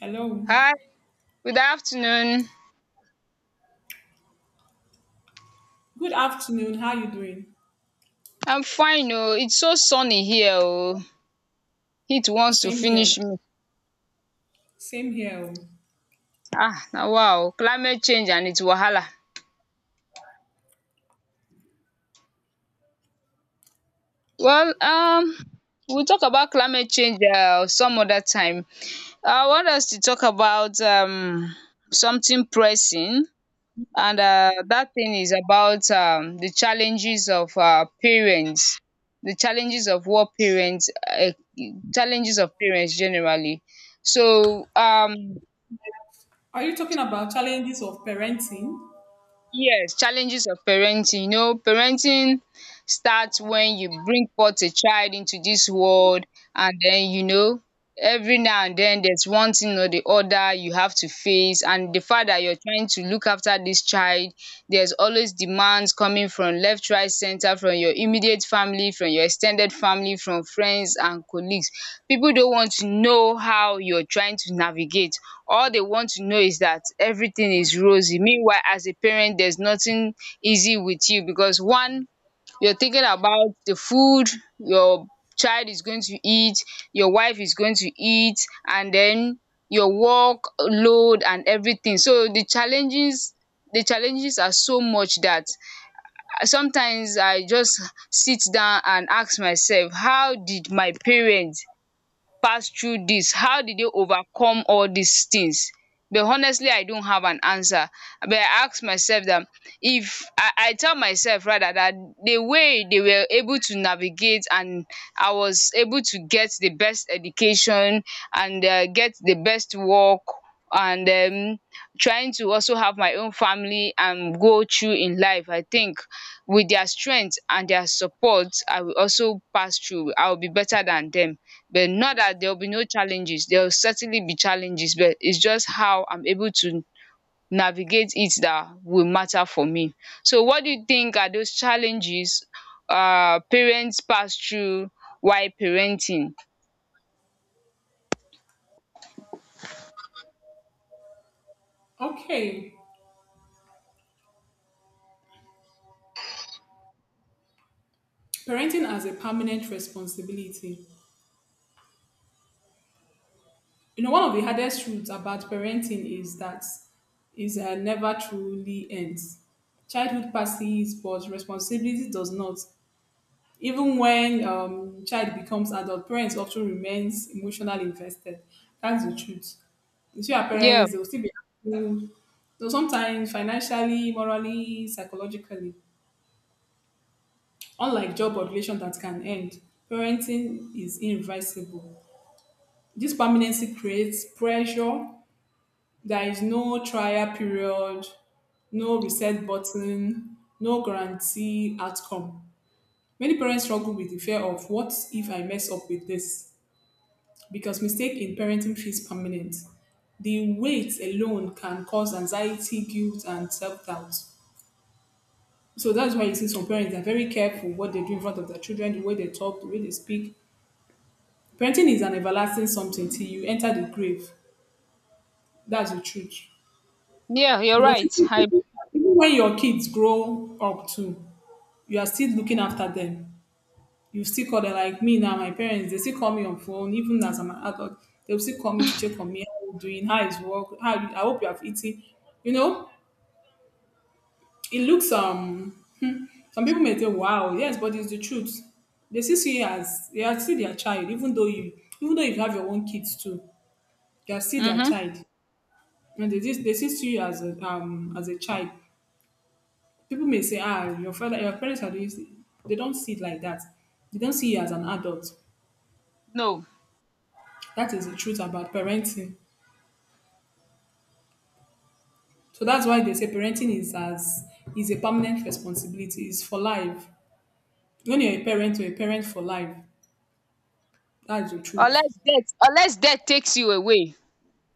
Hello. Hi, good afternoon. Good afternoon. How are you doing? I'm fine oh. It's so sunny here oh. Heat wants to Same finish here. me. Same here. Oh. Ah, now wow, climate change and its wahala. Well, we'll talk about climate change some other time. I want us to talk about something pressing, and dat thing is about the challenges of parents. The challenges of what parents challenges of parents generally. So Are you talking about challenges of parenting? yes, challenges of parenting. You know, parenting starts when you bring forth a child into this world, and then, every now and then there's one thing or the other you have to face, and the fact that you're trying to look after this child, there's always demands coming from left, right, center, from your immediate family, from your extended family, from friends and colleagues. People don't want to know how you're trying to navigate. All they want to know is that everything is rosy, meanwhile as a parent there's nothing easy with you because one, you're thinking about the food your child is going to eat, your wife is going to eat, and then your work load and everything. So the challenges, the challenges are so much that sometimes I just sit down and ask myself, how did my parents pass through this? How did they overcome all these things? But honestly, I don't have an answer. But I ask myself that if I, I tell myself rather that the way they were able to navigate and I was able to get the best education and get the best work, and trying to also have my own family and go through in life. I think with their strength and their support, I will also pass through. I will be better than them, but not that there will be no challenges. There will certainly be challenges, but it's just how I'm able to navigate it that will matter for me. So what do you think are those challenges parents pass through while parenting? Okay. Parenting as a permanent responsibility. You know, one of the hardest truths about parenting is that is never truly ends. Childhood passes, but responsibility does not. Even when child becomes adult, parents often remains emotionally invested. That's the truth. You see, our Yeah, parents they will still be active. So sometimes financially, morally, psychologically, unlike job or relation that can end, parenting is irreversible. This permanency creates pressure. There is no trial period, no reset button, no guarantee outcome. Many parents struggle with the fear of what if I mess up with this, because mistake in parenting feels permanent. The weight alone can cause anxiety, guilt, and self-doubt. So that's why you see some parents are very careful what they do in front of their children, the way they talk, the way they speak. Parenting is an everlasting something till you enter the grave. That's the truth. yeah, you're Because right. I even when your kids grow up too, you are still looking after them. You still call them. Like me now, my parents they still call me on phone even as I'm an adult. They'll still call me to check on me, how you doing, how is work, how you, I hope you have eaten you know it looks some people may think, wow, yes, but it's the truth. They still see you as they are still their child, even though you have your own kids too. You are still their Mhm. child, and they still see you as a child. People may say, ah, your father your parents are doing this. They don't see it like that. They don't see you as an adult. No. That is the truth about parenting. So that's why they say parenting is a permanent responsibility. It's for life. When you're a parent for life. That's the truth. Unless death takes you away.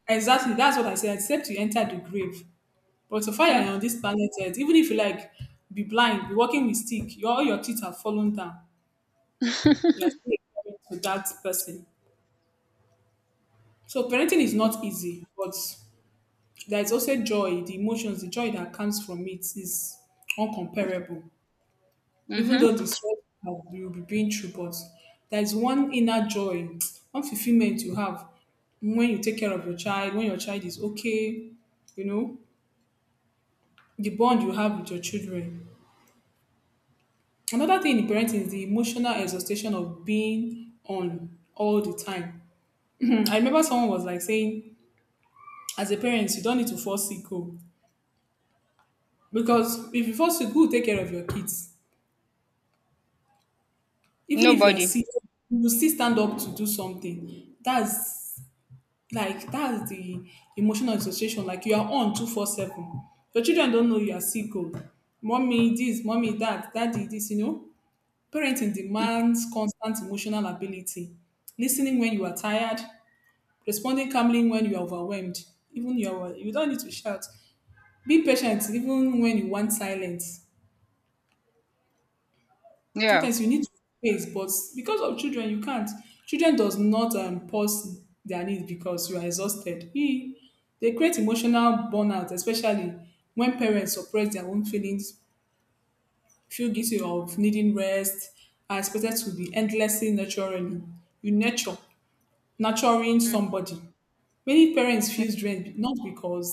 Exactly. That's what I said. Except you enter the grave. But so far you're Mhm. on this planet Earth, even if you like be blind, be walking with stick, your all your teeth are fallen down. You're still a parent to that person. So parenting is not easy, but there is also joy. The emotions, the joy that comes from it is uncomparable, even Mhm. though the stress that you will be going through. But there is one inner joy, one fulfillment you have when you take care of your child, when your child is okay, you know, the bond you have with your children. Another thing in parenting is the emotional exhaustion of being on all the time. I remember someone was like saying, as a parent, you don't need to fall sick oh, because if you fall sick, who will take care of your kids? Even if you are Nobody. sick, you will still stand up to do something. That's Like that's the emotional dissociation. Like you are on 24/7. Your children don't know you are sick. Oh, mommy this, mommy that, daddy this. You know, parenting Mm. demands constant emotional ability. Listening when you are tired, responding calmly when you are overwhelmed. You don't need to shout. Be patient even when you want silence. Yeah. Sometimes you need to face, but because of children you can't. Children does not pause their needs because you are exhausted, e dey create emotional burnout, especially when parents suppress their own feelings, feel guilty of needing rest, are expected to be endlessly nurturing. You nurture nurturing Mm. somebody, many parents feel drained, not because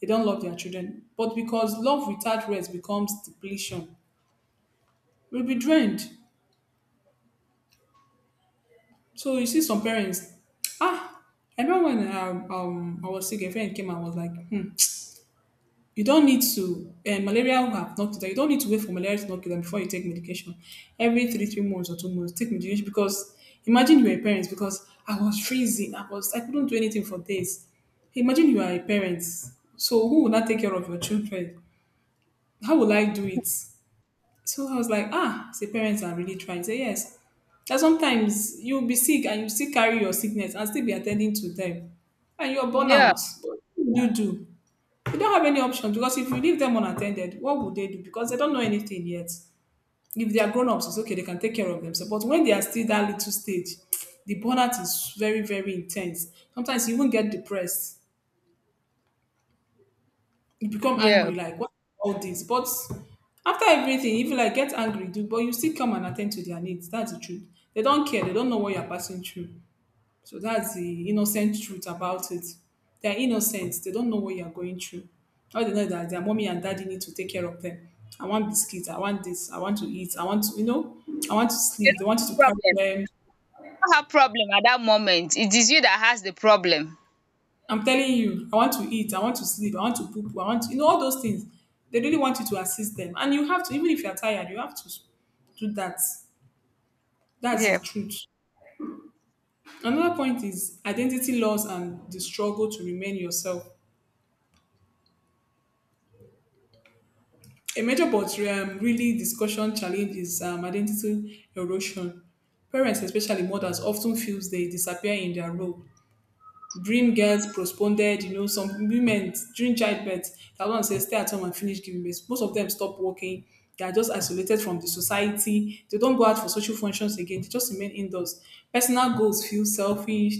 they don't love their children but because love without rest becomes depletion. Will be drained. So you see some parents, ah, I remember when I was sick, a friend came and was like, you don't need to, malaria have knocked it down. You don't need to wait for malaria to knock it down before you take medication. Every three months or 2 months, take medication, because imagine you are a parent. Because I was freezing. I couldn't do anything for days. Imagine you are a parent. So who will not take care of your children? How will I do it? So I was like, say parents are really trying. Say yes. That sometimes you'll be sick and you still carry your sickness and still be attending to them. And you're Yeah. burnout. But what do? You don't have any option, because if you leave them unattended, what would they do? Because they don't know anything yet. If they are grown ups, it's okay, they can take care of themselves. But when they are still that little stage, the burnout is very, very intense. Sometimes you even get depressed. You become Yeah. angry like, what all this? But after everything, if you like get angry do, but you still come and attend to their needs. That's the truth. They don't care. They don't know what you're passing through. So that's the innocent truth about it. They're innocent. They don't know what you're going through. All they know is that their mommy and daddy need to take care of them. I want biscuits, I want this, I want to eat, I want to I want to They sleep, they don't want have you to carry problem. them. They don't have problem at that moment. It is you that has the problem. I'm telling you, I want to eat, I want to sleep, I want to poop, I want to, all those things. They really want you to assist them. And you have to, even if you're tired, you have to do that. That's Yeah. the truth. Another point is identity loss and the struggle to remain yourself. A major but really discussion challenge is identity erosion. Parents, especially mothers, often feels they disappear in their role. Dream girls postponed, some women during childbirth, that one says stay at home and finish giving birth. Most of them stop working. They are just isolated from the society. They don't go out for social functions again. They just remain indoors. Personal goals feel selfish.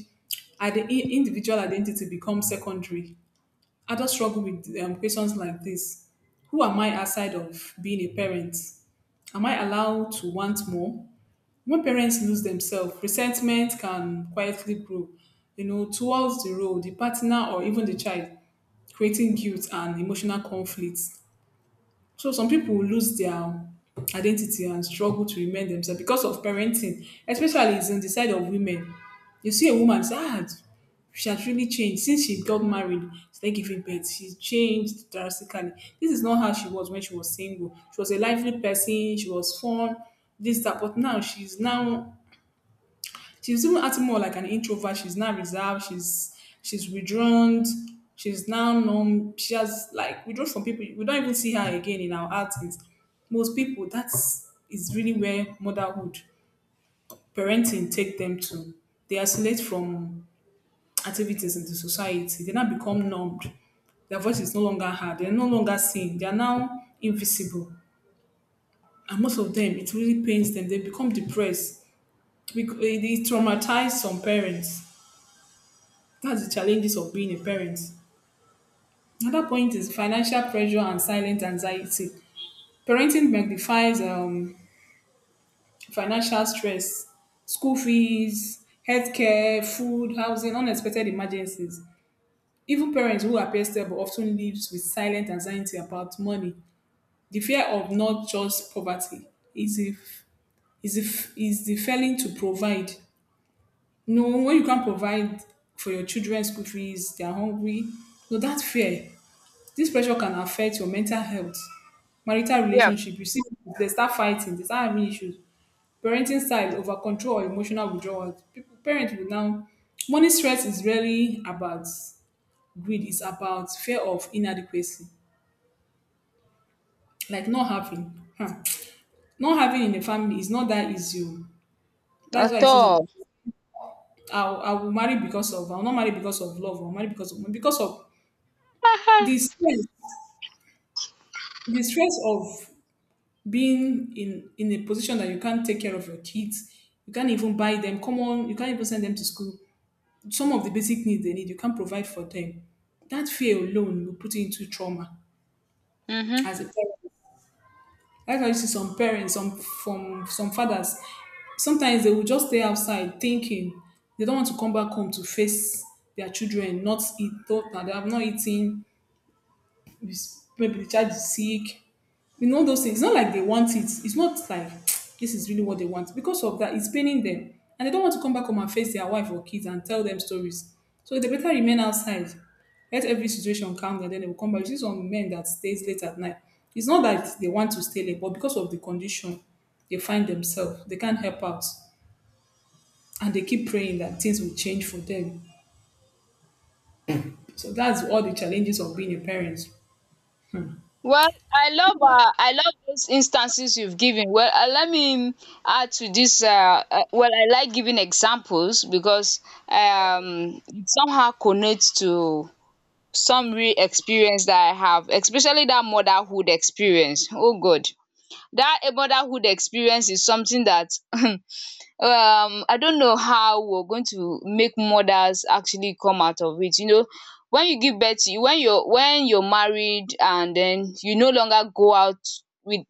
And the individual identity becomes secondary. Adults struggle with questions like this. Who am I outside of being a parent? Am I allowed to want more? When parents lose themselves, resentment can quietly grow, towards the role, the partner, or even the child, creating guilt and emotional conflicts. So some people will lose their identity and struggle to remain themselves because of parenting, especially it's on the side of women. You see a woman say, she has really changed since she got married, started giving birth. She's changed drastically. This is not how she was when she was single. She was a lively person. She was fun. This that, but now she was even acting more like an introvert. She's now reserved. She's withdrawn. She's now numb. She has like withdrawn from people. We don't even see her again in our outings. Most people, that's is really where motherhood, parenting take them to. They isolate from activities in the society. They now become numbed. Their voice is no longer heard. They're no longer seen. They are now invisible. And most of them, it really pains them. They become depressed. It traumatized some parents. That's the challenges of being a parent. Another point is financial pressure and silent anxiety. Parenting magnifies financial stress, school fees, healthcare, food, housing, unexpected emergencies. Even parents who appear stable often lives with silent anxiety about money. The fear of not just poverty is if is if is the failing to provide. No, when you can't provide for your children's school fees, they are hungry. So that fear. This pressure can affect your mental health, marital Yeah, relationship. You see, people, they start fighting, they start having issues. Parenting style, over control or emotional withdrawal. People, parents will now. Money stress is really about greed. It's about fear of inadequacy, like not having, huh. Not having in the family is not that easy. Oh. That's why I at see some. all. I will marry because of. I will not marry because of love. I'll marry because of the stress. The stress of being in a position that you can't take care of your kids. You can't even buy them. Come on, you can't even send them to school. Some of the basic needs they need, you can't provide for them. That fear alone will put you into trauma Hmm. as a parent. That's why you see some parents, some fathers sometimes they will just stay outside thinking. They don't want to come back home to face their children not eat, thought that they have not eaten. Maybe the child is sick. You know those things. It's not like they want it. It's not like this is really what they want. Because of that, it's paining them. And they don't want to come back home and face their wife or kids and tell them stories. So they better remain outside. Let every situation calm and then they will come back. You see some men that stays late at night. It's not that they want to stay late, but because of the condition they find themselves, they can't help out. And they keep praying that things will change for them. So that's all the challenges of being a parent. Well, I love those instances you've given. Well, let me add to this. Well, I like giving examples because it somehow connects to some real experience that I have, especially that motherhood experience. Oh God, that motherhood experience is something that I don't know how we're going to make mothers actually come out of it. You know, when you give birth, you when you're married and then you no longer go out with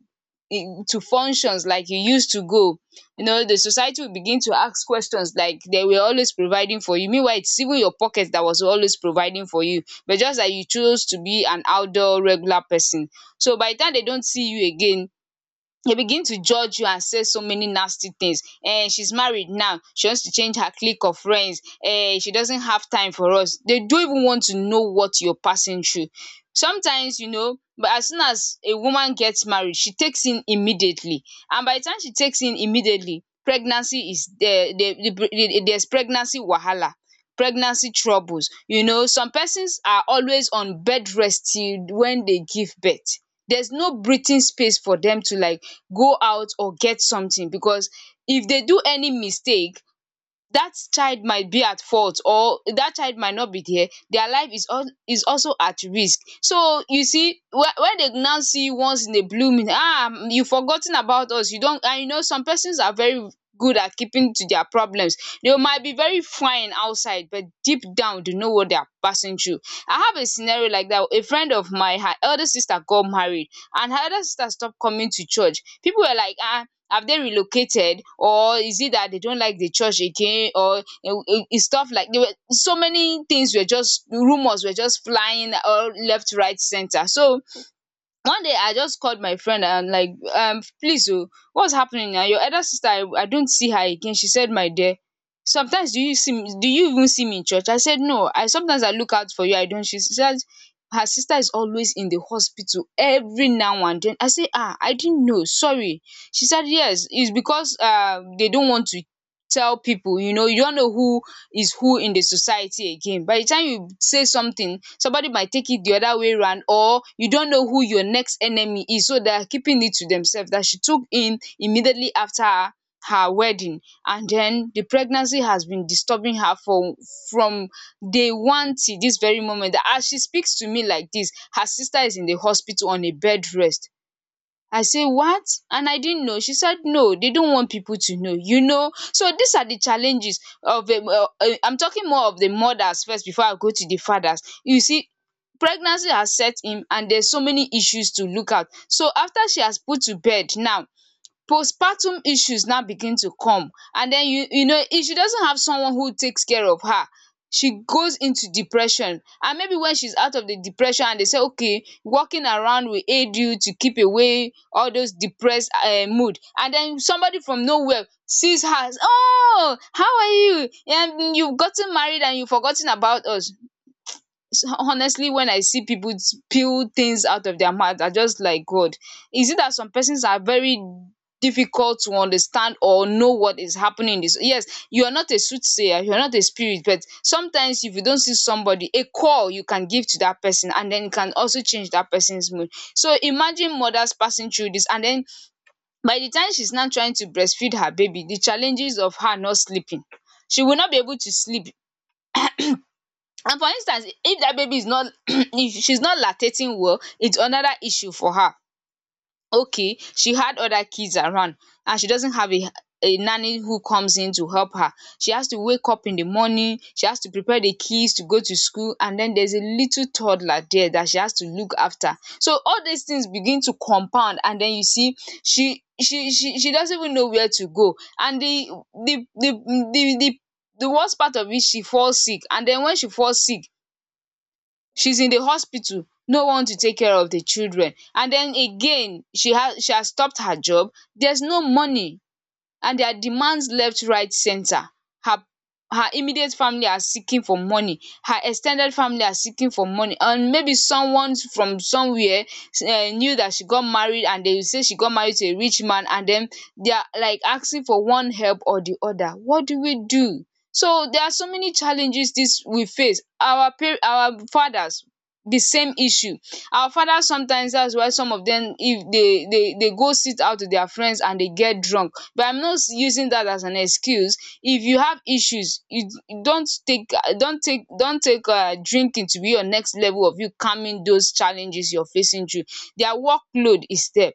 to functions like you used to go. The society will begin to ask questions, like, they were always providing for you, meanwhile it's even your pocket that was always providing for you, but just that you chose to be an outdoor regular person. So by the time they don't see you again, they begin to judge you and say so many nasty things. She's married now, she wants to change her clique of friends. She doesn't have time for us. They don't even want to know what you're passing through sometimes, but as soon as a woman gets married she takes in immediately, and by the time she takes in immediately pregnancy is there. There's pregnancy wahala, pregnancy troubles. Some persons are always on bed rest till when they give birth. There's no breathing space for them to like go out or get something, because if they do any mistake, that child might be at fault, or that child might not be there. Their life is al is also at risk. So you see, when they now see once in a blue moon, ah, you forgotten about us, you don. And you know some persons are very good at keeping to their problems. They might be very fine outside, but deep down they know what they are passing through. I have a scenario like that. A friend of mine, her elder sister got married, and her elder sister stopped coming to church. People were like, ah, have they relocated, or is it that they don't like the church again, or stuff like, there were so many things, were just rumors, were just flying all left right center. So one day I just called my friend and like, please oh, what's happening now? Your elder sister, I don't see her again. She said, my dear, sometimes do you see me? Do you even see me in church? I said no, I sometimes I look out for you, I don't. She said her sister is always in the hospital every now and then. I say, ah, I didn't know, sorry. She said yes, it's because they don't want to tell people, you know, you don't know who is who in the society again. By the time you say something, somebody might take it the other way round, or you don't know who your next enemy is, so they are keeping it to themselves, that she took in immediately after her her wedding, and then the pregnancy has been disturbing her for, from day one till this very moment, that as she speaks to me like this, her sister is in the hospital on a bed rest. I say, what? And I didn't know. She said no, they don't want people to know, you know. So these are the challenges of I'm talking more of the mothers first before I go to the fathers. You see, pregnancy has set in and there's so many issues to look at. So after she has put to bed now, postpartum issues now begin to come, and then you know if she doesn't have someone who takes care of her, she goes into depression. And maybe when she's out of the depression and they say okay, walking around will aid you to keep away all those depressed mood, and then somebody from nowhere sees her, oh, how are you? And you've gotten married and you've forgotten about us. Honestly, when I see people things out of their mouth, I just like, god, is it that some persons are very difficult to understand or know what is happening in this? Yes, you are not a soothsayer, you are not a spirit, but sometimes if you don't see somebody, a call you can give to that person, and then it can also change that person's mood. So imagine mothers passing through this, and then by the time she's now trying to breastfeed her baby, the challenges of her not sleeping, she will not be able to sleep. And for instance, if that baby is not if she's not lactating well, it's another issue for her. Okay, she had other kids around, and she doesn't have a nanny who comes in to help her. She has to wake up in the morning, she has to prepare the kids to go to school, and then there's a little toddler there that she has to look after. So all these things begin to compound, and then you see, she doesn't even know where to go. And the the the the the worst part of it, she falls sick, and then when she falls sick, she's in the hospital, no one to take care of the children. And den again, she has stopped her job. Theres no money, and their demands left right centre. Her immediate family are seeking for money, her ex ten ded family are seeking for money, and maybe someone from somewhere knew that she got married, and they say she got married to a rich man, and then they are like asking for one help or the other. What do we do? So there are so many challenges. This we face. Our par our fathers, the same issue. Our fathers sometimes, that's why some of them, if they go sit out with their friends and they get drunk. But I'm not using that as an excuse. If you have issues, you don't take drinking to be your next level of you calming those challenges you're facing through. Their workload is there.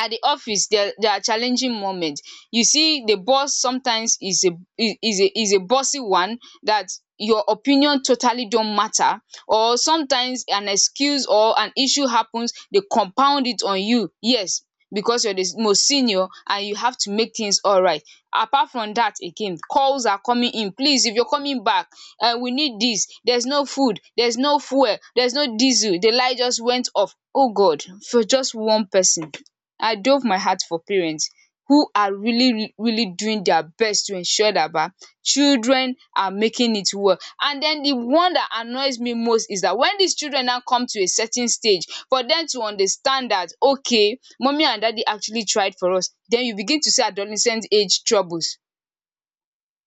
At the office, there are challenging moments. You see, the boss sometimes is a bossy one, that your opinion totally don't matter. Or sometimes an excuse or an issue happens, they compound it on you, yes, because you're the most senior and you have to make things all right. Apart from that, again, calls are coming in, please, if you're coming back, we need this, there's no food, there's no fuel, there's no diesel, the light just went off. Oh god, for just one person. I dove my heart for parents who are really doing their best to ensure that ba children are making it well. And den the one that annoys me most is that when dis children now come to a certain stage for dem to understand that okay, mummy and daddy actually tried for us, den you begin to see adolescent age troubles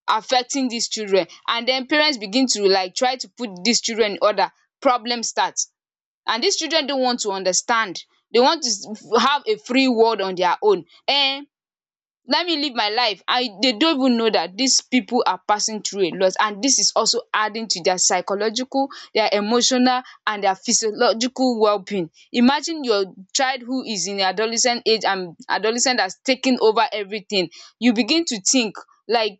affecting dis children, and den parents begin to like try to put dis children in order. Problem start, and these children don't want to understand. They want to have a free world on their own. Let me live my life. And they don't even know that these people are passing through a lot, and this is also adding to their psychological, their emotional and their physiological well-being. Imagine your child who is in adolescent age and adolescent that's taking over everything. You begin to think, like,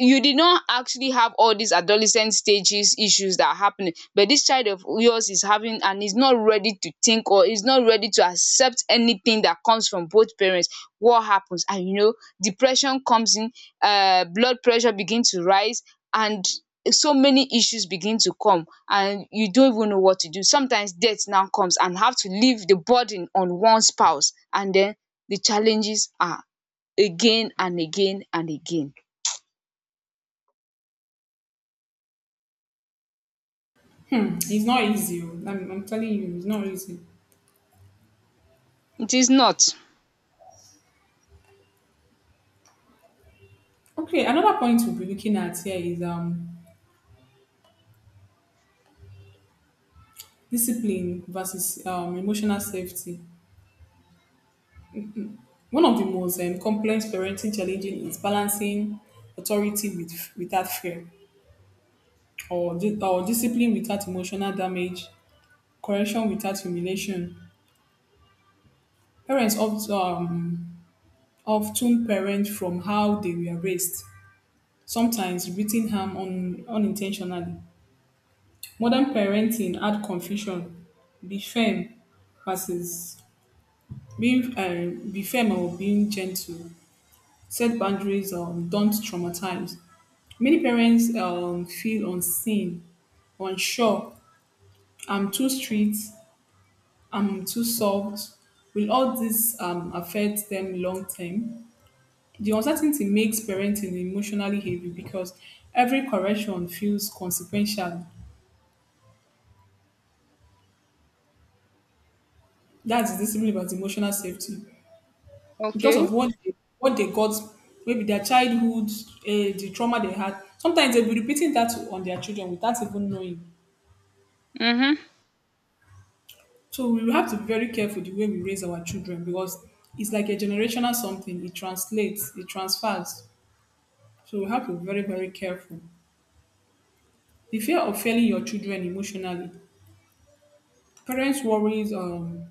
you did not actually have all these adolescent stages issues that are happening, but this child of yours is having and is not ready to think or is not ready to accept anything that comes from both parents. What happens? And you know, depression comes in, blood pressure begin to rise, and so many issues begin to come and you don't even know what to do. Sometimes death now comes and have to leave the burden on one spouse, and then the challenges are again and again and again. Hmm, it's not easy. Oh. I'm telling you, it's not easy. It is not. Okay, another point we'll be looking at here is discipline versus emotional safety. One of the most complex parenting challenges is balancing authority with, without fear, or discipline without emotional damage, correction without humiliation. Parents often, um, Often parent from how they were raised, sometimes repeating harm unintentionally. Modern parenting add confusion. Be firm versus Being be firm or being gentle. Set boundaries or don't traumatize. Many parents feel unseen, unsure. I'm too strict. I'm too soft. Will all this affect them long term? The uncertainty makes parenting emotionally heavy because every correction feels consequential. That's discipline about emotional safety. Because Okay. of what what they got, maybe their childhood, the trauma they had. Sometimes they'll be repeating that on their children without even knowing. Mm-hmm. So we will have to be very careful the way we raise our children because it's like a generational something. It translates, it transfers. So we have to be very, very careful. The fear of failing your children emotionally. Parents worries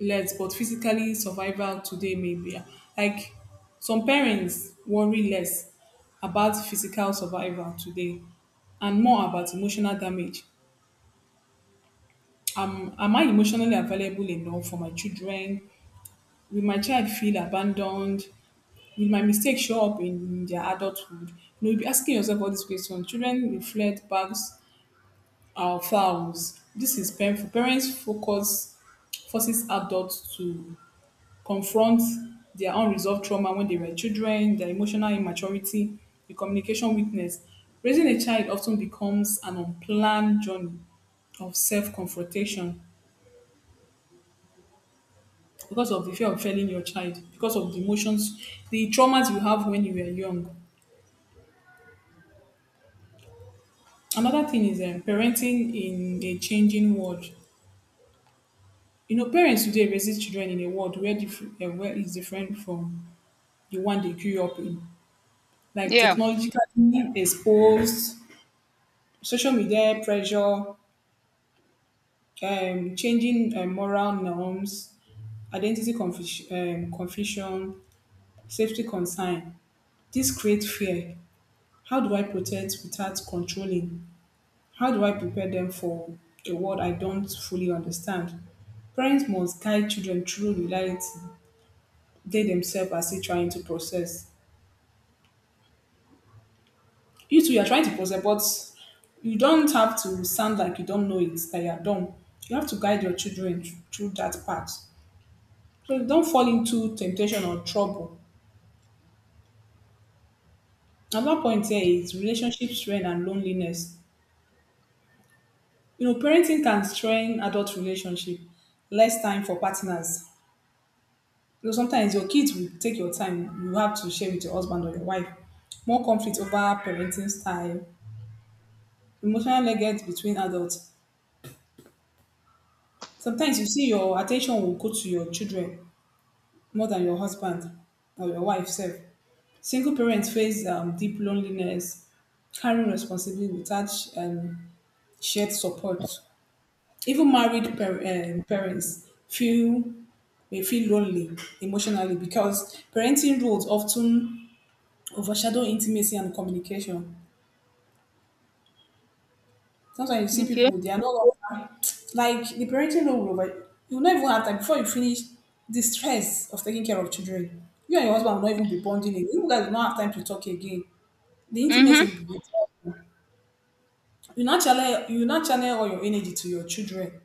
less, but physically survival today may be like some parents worry less about physical survival today and more about emotional damage. Am I emotionally available enough for my children? Will my child feel abandoned? Will my mistake show up in their adulthood? You know, you'll be asking yourself all these questions. Children reflect bags or fouls. This is painful. Parents focus forces adults to confront their unresolved trauma when they were children, their emotional immaturity, the communication weakness. Raising a child often becomes an unplanned journey of self-confrontation because of the fear of failing your child, because of the emotions, the traumas you have when you were young. Another thing is parenting in a changing world. You know, parents today raise children in a world where is different from the one they grew up in. Like Yeah. technologically exposed, social media pressure, changing moral norms, identity confusion, confusion, safety concern. This create fear. How do I protect without controlling? How do I prepare them for a world I don't fully understand? Parents must guide children through reality they themselves are still trying to process. You too, you're trying to process, but you don't have to sound like you don't know it, that you're dumb. You have to guide your through that part. So you don't fall into temptation or trouble. Another point here is relationship strain and loneliness. You know, parenting can strain adult relationship, less time for partners. You know, sometimes your kids will take your time you have to share with your husband or your wife. More conflict over parenting style, emotional leggings between adults. Sometimes you see your attention will go to your children more than your husband or your wife self. Single parents face deep loneliness, carrying responsibility without um, shared support. Even parents feel may feel lonely emotionally because parenting roles often overshadow intimacy and communication. Sometimes you see Okay. people they are no longer like the parenting role will over. You will not even have time before you finish the stress of taking care of children. You and your husband will not even be bonding again. You guys will not have time to talk again. The intimacy will Mm-hmm. be withdrawn. You not channel all your energy to your children.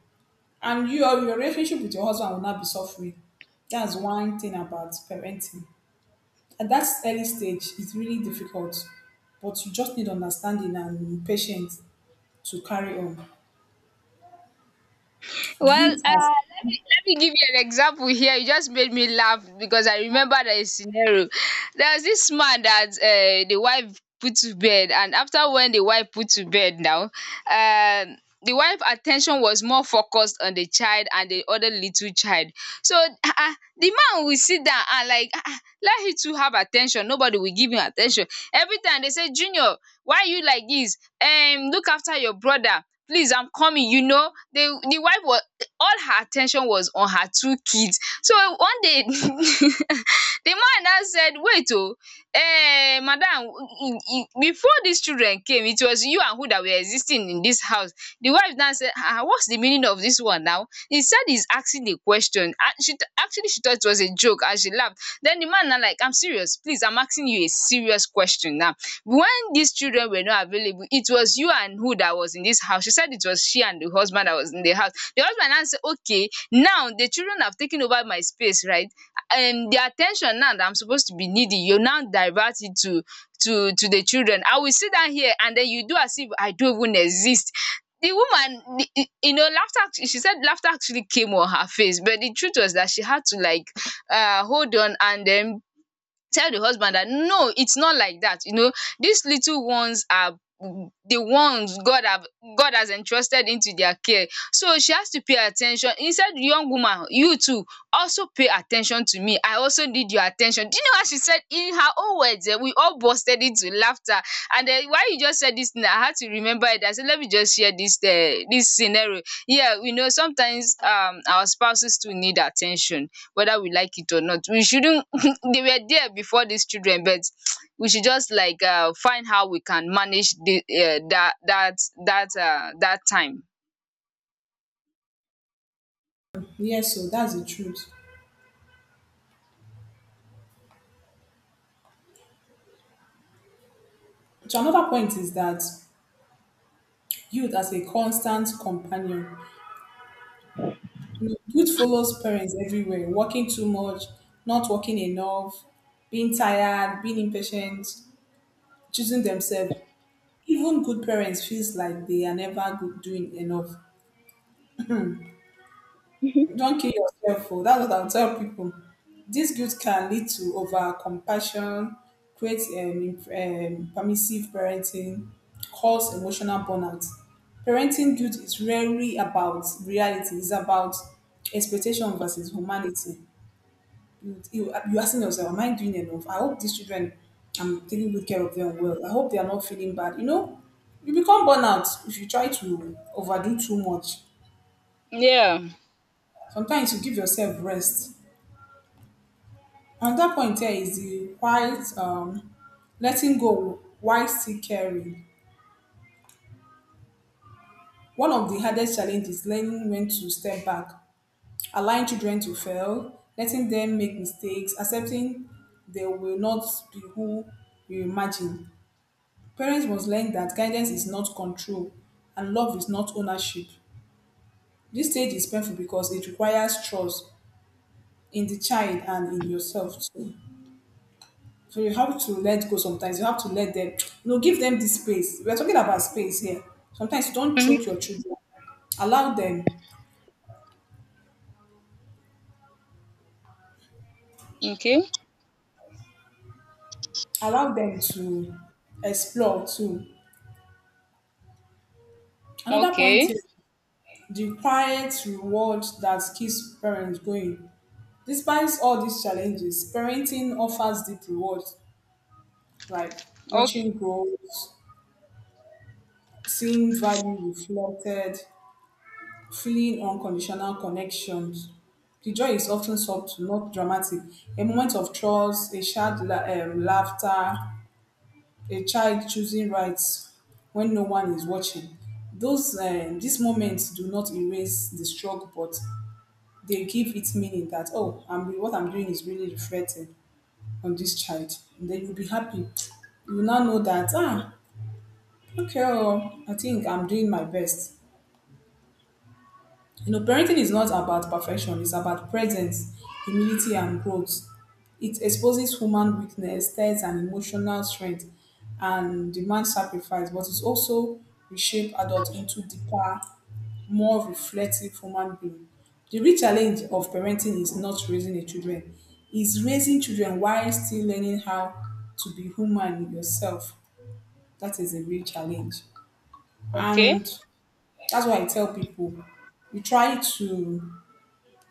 And you your relationship with your husband will not be suffering. That's one thing about parenting. At that early stage, it's really difficult, but you just need understanding and patience to carry on. Well, Youth as let me give you an example here. You just made me laugh because I remember the scenario. There was this man that the wife put to bed, and after when the wife put to bed now, the wife attention was more focused on the child and the other little child. So ah, ah, the man will sit down and like ah, ah, let him to have attention. Nobody will give him attention. Every time they say, Junior, why you like this? Look after your brother. Please, I'm coming. You know, the wife was, all her attention was on her two kids. So one day the man now said, wait oh, eh, madam, before these children came, it was you and who that were existing in this house? The wife now said, um, what's the meaning of this one now? He said, he's asking the question. Ah, she actually she thought it was a joke and she laughed. Then the man now like, I'm serious, please, I'm asking you a serious question now. When these children were not available, it was you and who that was in this house? She said it was she and the husband that was in the house. The husband now say, okay, now the children have taken over my space, right? And the attention now that I'm supposed to be needing, you now divert it to to the children. I will sit down here and then you do as if I don't even exist. The woman, the, you know, laughter she said laughter actually came on her face, but the truth was that she had to like, hold on and then tell the husband that no, it's not like that. You know, these little ones are the ones god have, god has entrusted into their care, so she has to pay attention. He said, young woman, you too, also pay attention to me, I also need your attention. Do you know what she said in her own words? Eh, we all busted into laughter. And then, why you just said this thing? I had to remember it. I said, let me just share this this scenario. Yeah, we know sometimes our spouses too need attention, whether we like it or not. We shouldn't, they were there before these children, but we should just like find how we can manage the, that that time. Yes, so that's the truth. So another point is that youth as a constant companion. You know, youth follows parents everywhere, working too much, not working enough, being tired, being impatient, choosing themselves. Even good parents feels like they are never good doing enough. Don't kill yourself. Oh. That's what I'll tell people. This guilt can lead to over compassion, create permissive parenting, cause emotional burnout. Parenting guilt is rarely about reality. It's about expectation versus humanity. You're asking yourself, am I doing enough? I hope these children, I'm taking good care of them well. I hope they are not feeling bad. You know, you become burnout if you try to overdo too much. Yeah. Sometimes you give yourself rest. Another point here is the quiet, letting go while still caring. One of the hardest challenges is learning when to step back, allowing children to fail, letting them make mistakes, accepting they will not be who you imagine. Parents must learn that guidance is not control and love is not ownership. This stage is painful because it requires trust in the child and in yourself too. So you have to let go sometimes. You have to let them, you know, give them this space. We're talking about space here. Sometimes don't Mm-hmm. choke your children. Allow them, Okay. allow them to explore too. Another point Okay. is the quiet reward that keeps parents going. Despite all these challenges, parenting offers deep reward. Like Okay. watching growth, seeing value reflected, feeling unconditional connections. The joy is often subtle, not dramatic. A moment of trust, a shared laughter, a child choosing rights when no one is watching. Those These moments do not erase the struggle, but they give it meaning that oh, I'm what I'm doing is really reflecting on this child. And then you'll be happy. You now know that ah, okay, oh, I think I'm doing my best. You know, parenting is not about perfection, it's about presence, humility, and growth. It exposes human weakness, tests, and emotional strength, and demands sacrifice, but it also reshapes adults into deeper, more reflective human beings. The real challenge of parenting is not raising a children, is raising children while still learning how to be human yourself. That is a real challenge. Okay. And that's why I tell people you try to,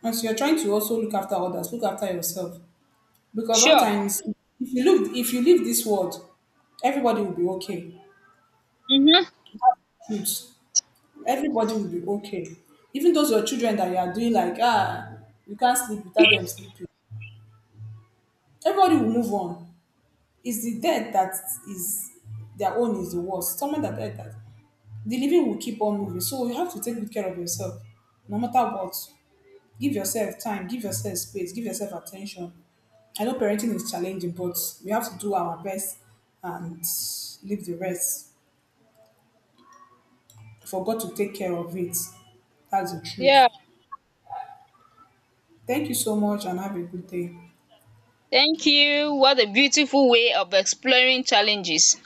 as you're trying to also look after others, look after yourself. Because Sure. sometimes if you look, if you leave this world, everybody will be okay. Mm-hmm. Shoot. Everybody will be okay. Even those your children that you are doing like, ah, you can't sleep without them sleeping. Everybody will move on. It's the dead that is their own is the worst. Someone that died that the living will keep on moving. So you have to take good care of yourself, no matter what. Give yourself time, give yourself space, give yourself attention. I know parenting is challenging, but we have to do our best and leave the rest for God to take care of it. That's the truth. Yeah, Thank you so much and have a good day. thank you. What a beautiful way of exploring challenges.